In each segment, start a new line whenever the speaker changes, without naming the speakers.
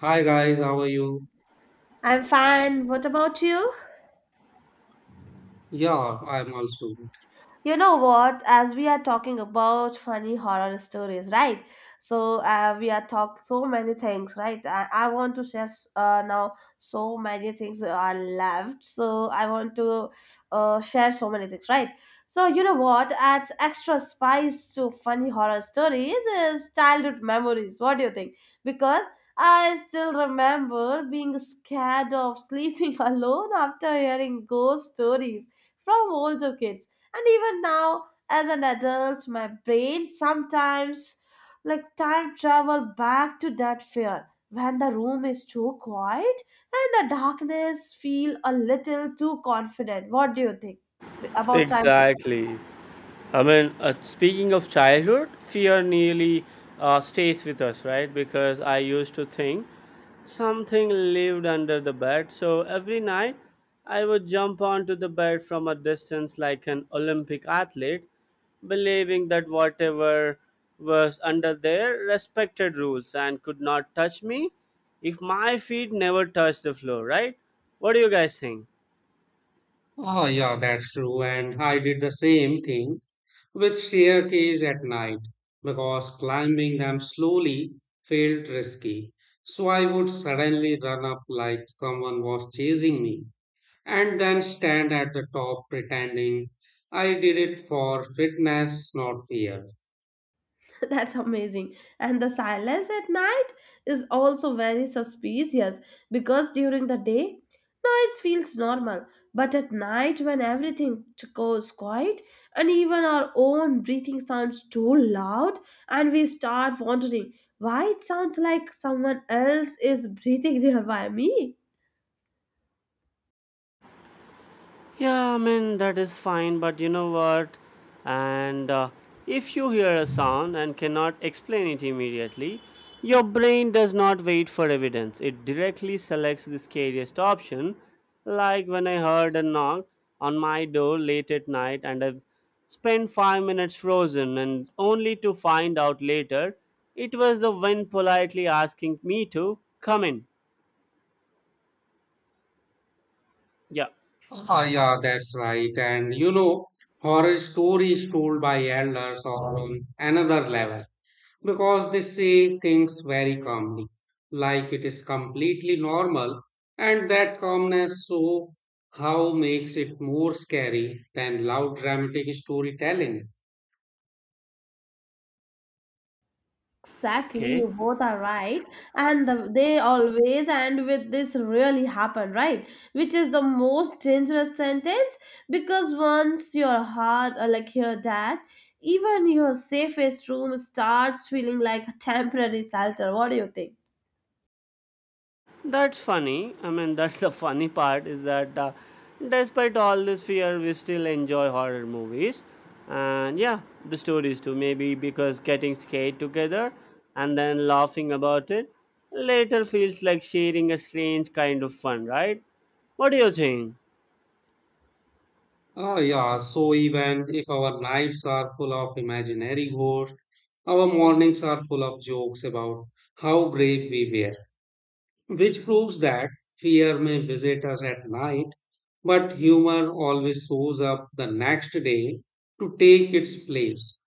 Hi guys, how are you?
I'm fine. What about you?
Yeah, I'm also good.
You know what? As we are talking about funny horror stories, right? We are talk so many things, right? I want to share now so many things are left. So I want to share so many things, right? So you know what adds extra spice to funny horror stories is childhood memories. What do you think? Because I still remember being scared of sleeping alone after hearing ghost stories from older kids, and even now, as an adult, my brain sometimes like time travel back to that fear when the room is too quiet and the darkness feel a little too confident. What do you think about time?
Exactly. I mean, speaking of childhood, fear nearly stays with us, right? Because I used to think something lived under the bed. So every night, I would jump onto the bed from a distance like an Olympic athlete, believing that whatever was under there respected rules and could not touch me if my feet never touched the floor, right? What do you guys think?
Oh, yeah, that's true. And I did the same thing with staircase at night because climbing them slowly felt risky. So I would suddenly run up like someone was chasing me and then stand at the top pretending I did it for fitness, not fear.
That's amazing. And the silence at night is also very suspicious because during the day, noise feels normal. But at night, when everything goes quiet and even our own breathing sounds too loud, and we start wondering why it sounds like someone else is breathing nearby me.
Yeah, I mean, that is fine, but you know what? And If you hear a sound and cannot explain it immediately, your brain does not wait for evidence. It directly selects the scariest option. Like when I heard a knock on my door late at night and I spent 5 minutes frozen, and only to find out later it was the wind politely asking me to come in. Yeah,
Ah, yeah, that's right. And you know, horror stories told by elders are on another level because they say things very calmly, like it is completely normal, and that calmness so how makes it more scary than loud dramatic storytelling.
Exactly,
okay.
you both are right, and they always end with this really happened, right? Which is the most dangerous sentence because once your heart, or like your dad, even your safest room starts feeling like a temporary shelter. What do you think?
That's funny. I mean, that's the funny part is that despite all this fear, we still enjoy horror movies. And yeah, the stories too. Maybe because getting scared together and then laughing about it later feels like sharing a strange kind of fun, right? What do you think?
Ah, yeah, so even if our nights are full of imaginary ghosts, our mornings are full of jokes about how brave we were, which proves that fear may visit us at night, but humor always shows up the next day to take its place.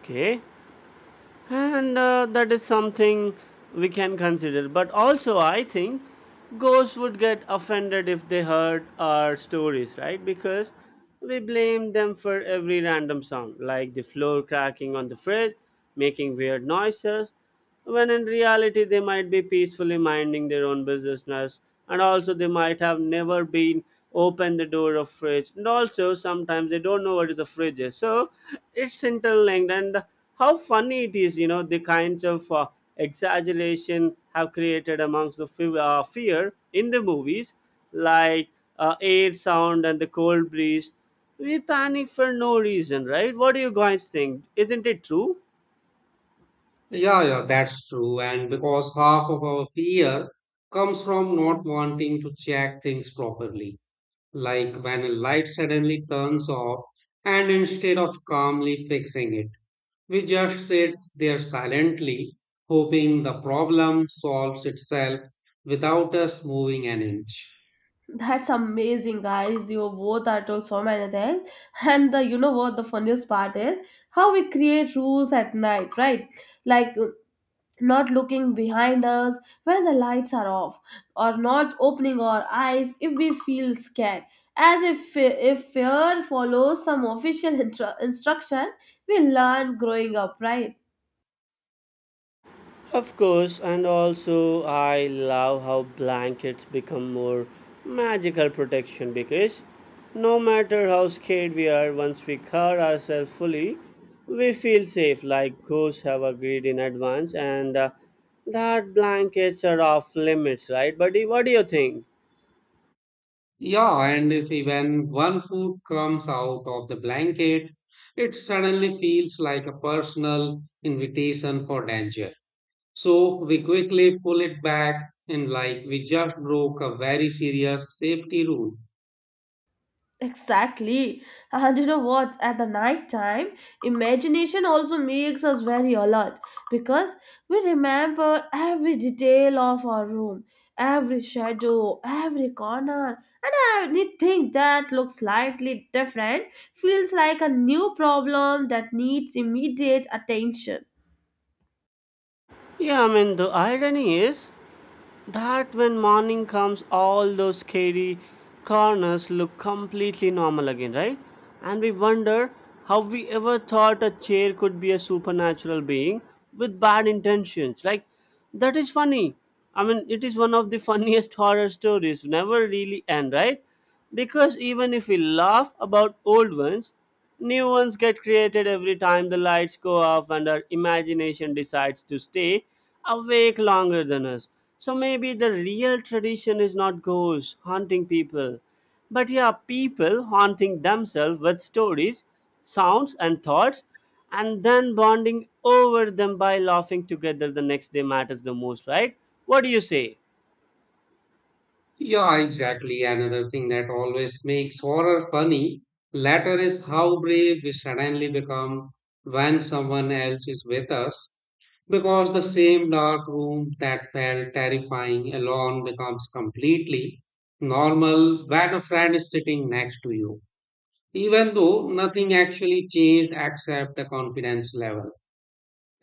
Okay, and that is something we can consider, but also I think ghosts would get offended if they heard our stories, right? Because we blame them for every random sound, like the floor cracking on the fridge making weird noises when in reality they might be peacefully minding their own business. And also, they might have never been open the door of fridge, and also sometimes they don't know what is a fridge is. So it's interlinked, and how funny it is, you know, the kinds of exaggeration have created amongst the fear in the movies, like air sound and the cold breeze, we panic for no reason, right? What do you guys think, isn't it true?
Yeah, yeah, that's true. And because half of our fear comes from not wanting to check things properly, like when a light suddenly turns off, and instead of calmly fixing it, we just sit there silently, hoping the problem solves itself without us moving an inch.
That's amazing, guys. You both are told so many things, and the you know what the funniest part is how we create rules at night, right? Like not looking behind us when the lights are off, or not opening our eyes if we feel scared. As if fear follows some official instruction, we learn growing up, right?
Of course, and also I love how blankets become more magical protection because no matter how scared we are, once we cover ourselves fully, we feel safe, like ghosts have agreed in advance, and that blankets are off limits, right? Buddy, what do you think?
Yeah, and if even one foot comes out of the blanket, it suddenly feels like a personal invitation for danger. So we quickly pull it back and like we just broke a very serious safety rule.
Exactly. And you know what? At the night time, imagination also makes us very alert because we remember every detail of our room, every shadow, every corner. Anything that looks slightly different feels like a new problem that needs immediate attention.
Yeah, I mean, the irony is that when morning comes, all those scary corners look completely normal again, right? And we wonder how we ever thought a chair could be a supernatural being with bad intentions. Like, that is funny. I mean, it is one of the funniest horror stories, never really end, right? Because even if we laugh about old ones, new ones get created every time the lights go off and our imagination decides to stay awake longer than us. So maybe the real tradition is not ghosts haunting people, but yeah, people haunting themselves with stories, sounds, and thoughts, and then bonding over them by laughing together the next day matters the most, right? What do you say?
Yeah, exactly. Another thing that always makes horror funny later is how brave we suddenly become when someone else is with us. Because the same dark room that felt terrifying alone becomes completely normal when a friend is sitting next to you, even though nothing actually changed except the confidence level.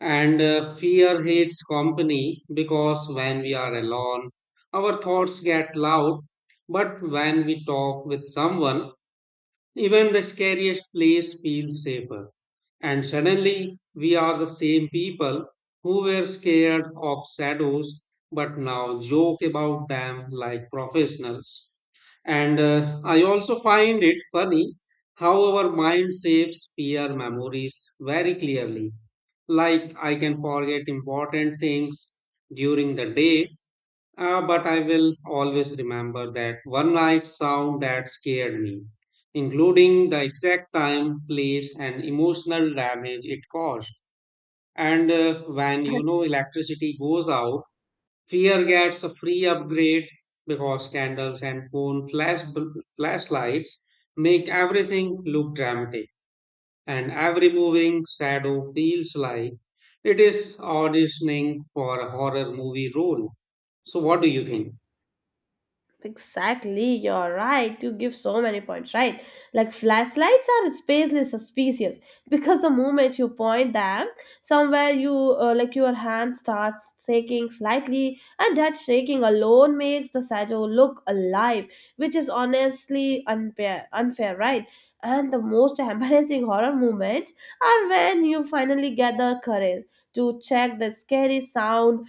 And fear hates company because when we are alone, our thoughts get loud. But when we talk with someone, even the scariest place feels safer. And suddenly, we are the same people who were scared of shadows but now joke about them like professionals. And I also find it funny how our mind saves fear memories very clearly. Like, I can forget important things during the day, but I will always remember that one night sound that scared me, including the exact time, place, and emotional damage it caused. And when you
The
know electricity goes out, fear gets a free upgrade because candles and phone flash flashlights make everything look dramatic, and every moving shadow feels like it is auditioning for a horror movie role. So, what do you think?
exactly, you're right. You give so many points, right? Like flashlights are spacely suspicious because the moment you point them somewhere, you like your hand starts shaking slightly, and that shaking alone makes the shadow look alive, which is honestly unfair, unfair, right? And the most embarrassing horror moments are when you finally gather courage to check the scary sound.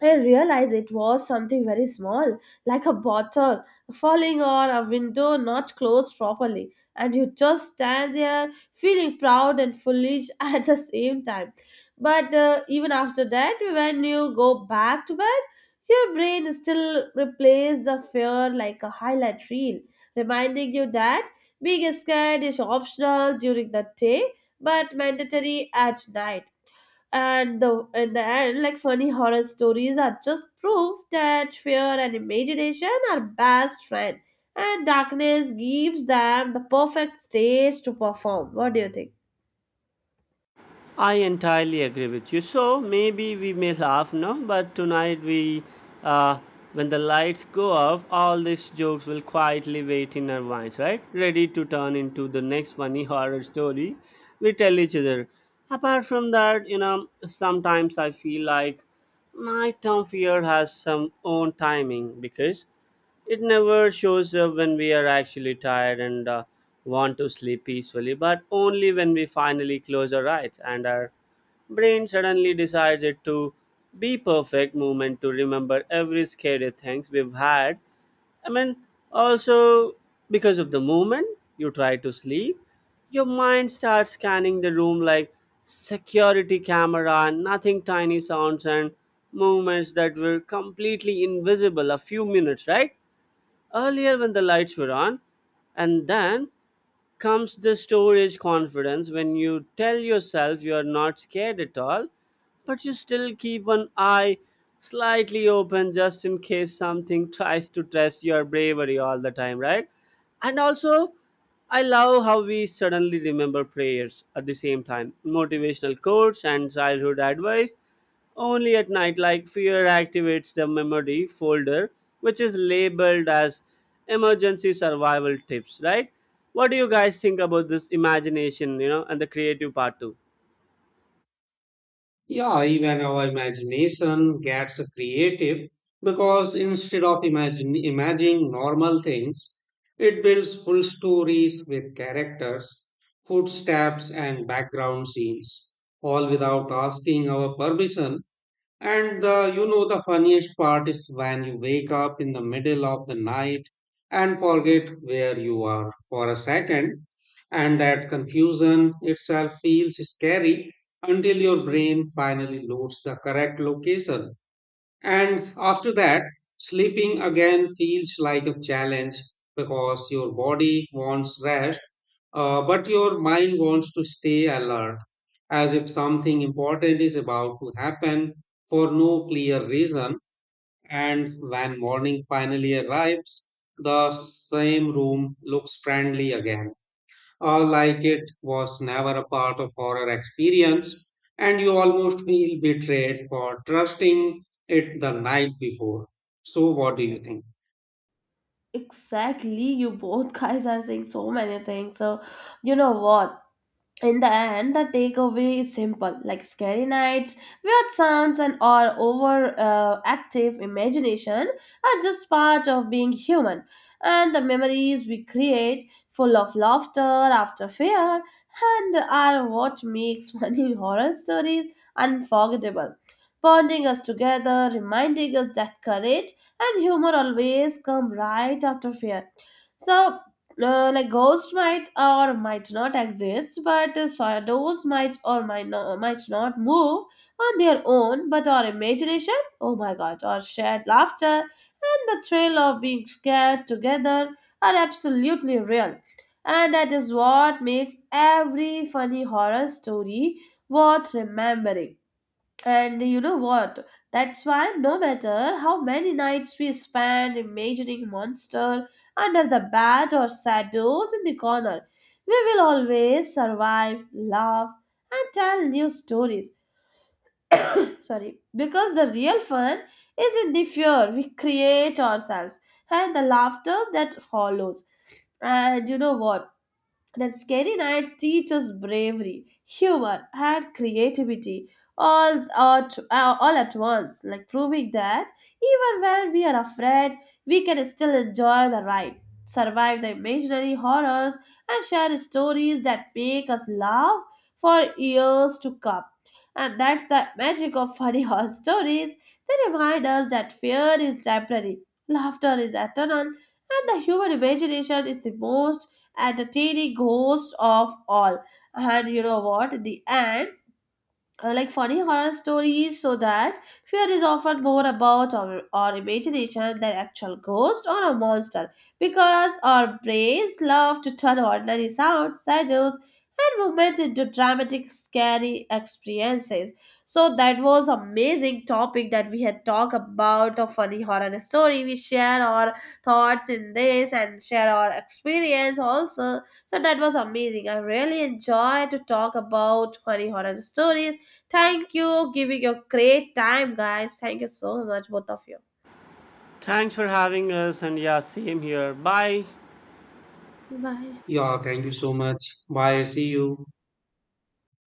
I realized it was something very small, like a bottle falling or a window not closed properly. And you just stand there feeling proud and foolish at the same time. But even after that, when you go back to bed, your brain still replays the fear like a highlight reel, reminding you that being scared is optional during the day but mandatory at night. And the in the end, like funny horror stories are just proof that fear and imagination are best friend and darkness gives them the perfect stage to perform. What do you think?
I entirely agree with you. So maybe we may laugh now, but tonight we, uh, when the lights go off, all these jokes will quietly wait in our minds, right? Ready to turn into the next funny horror story we tell each other. Apart from that, you know, sometimes I feel like my term fear has some own timing because it never shows up when we are actually tired and want to sleep peacefully, but only when we finally close our eyes and our brain suddenly decides it to be perfect moment to remember every scary things we've had. I mean, also, because of the moment you try to sleep, your mind starts scanning the room like security camera, nothing tiny sounds and movements that were completely invisible a few minutes right earlier when the lights were on. And then comes the storage confidence when you tell yourself you are not scared at all, but you still keep an eye slightly open just in case something tries to test your bravery all the time, right? And also, I love how we suddenly remember prayers at the same time, motivational quotes and childhood advice only at night, like fear activates the memory folder, which is labeled as emergency survival tips, right? What do you guys think about this imagination, you know, and the creative part too?
Yeah, even our imagination gets creative because imagining normal things, it builds full stories with characters, footsteps, and background scenes, all without asking our permission. And the, you know, the funniest part is when you wake up in the middle of the night and forget where you are for a second, and that confusion itself feels scary until your brain finally loads the correct location. And after that, sleeping again feels like a challenge because your body wants rest, but your mind wants to stay alert, as if something important is about to happen for no clear reason. And when morning finally arrives, the same room looks friendly again, or like it was never a part of horror experience, and you almost feel betrayed for trusting it the night before. So what do you think?
Exactly, you both guys are saying so many things. So, you know what? In the end, the takeaway is simple, like scary nights, weird sounds, and our over active imagination are just part of being human. And the memories we create, full of laughter after fear, and are what makes funny horror stories unforgettable. Bonding us together, reminding us that courage and humor always come right after fear. So, like ghosts might or might not exist, but shadows might or might not, move on their own, but our imagination, oh my god, our shared laughter and the thrill of being scared together are absolutely real. And that is what makes every funny horror story worth remembering. And you know what? That's why no matter how many nights we spend imagining monster under the bed or shadows in the corner, we will always survive, laugh, and tell new stories. Sorry, because the real fun is in the fear we create ourselves and the laughter that follows. And you know what? That scary nights teach us bravery, humor, and creativity all at once, like proving that even when we are afraid, we can still enjoy the ride, survive the imaginary horrors, and share stories that make us laugh for years to come. And that's the magic of funny horror stories. They remind us that fear is temporary, laughter is eternal, and the human imagination is the most and the teeny ghost of all. And you know what? The end, like funny horror stories so that fear is often more about our imagination than actual ghost or a monster, because our brains love to turn ordinary sounds, shadows, and movements into dramatic scary experiences. So that was amazing topic that we had talked about, a funny horror story. We share our thoughts in this and share our experience also. So that was amazing. I really enjoy to talk about funny horror stories. Thank you, giving your great time, guys. Thank you so much, both of you.
Thanks for having us, and yeah, same here. Bye.
Bye. Bye.
Yeah, thank you so much. Bye, see you.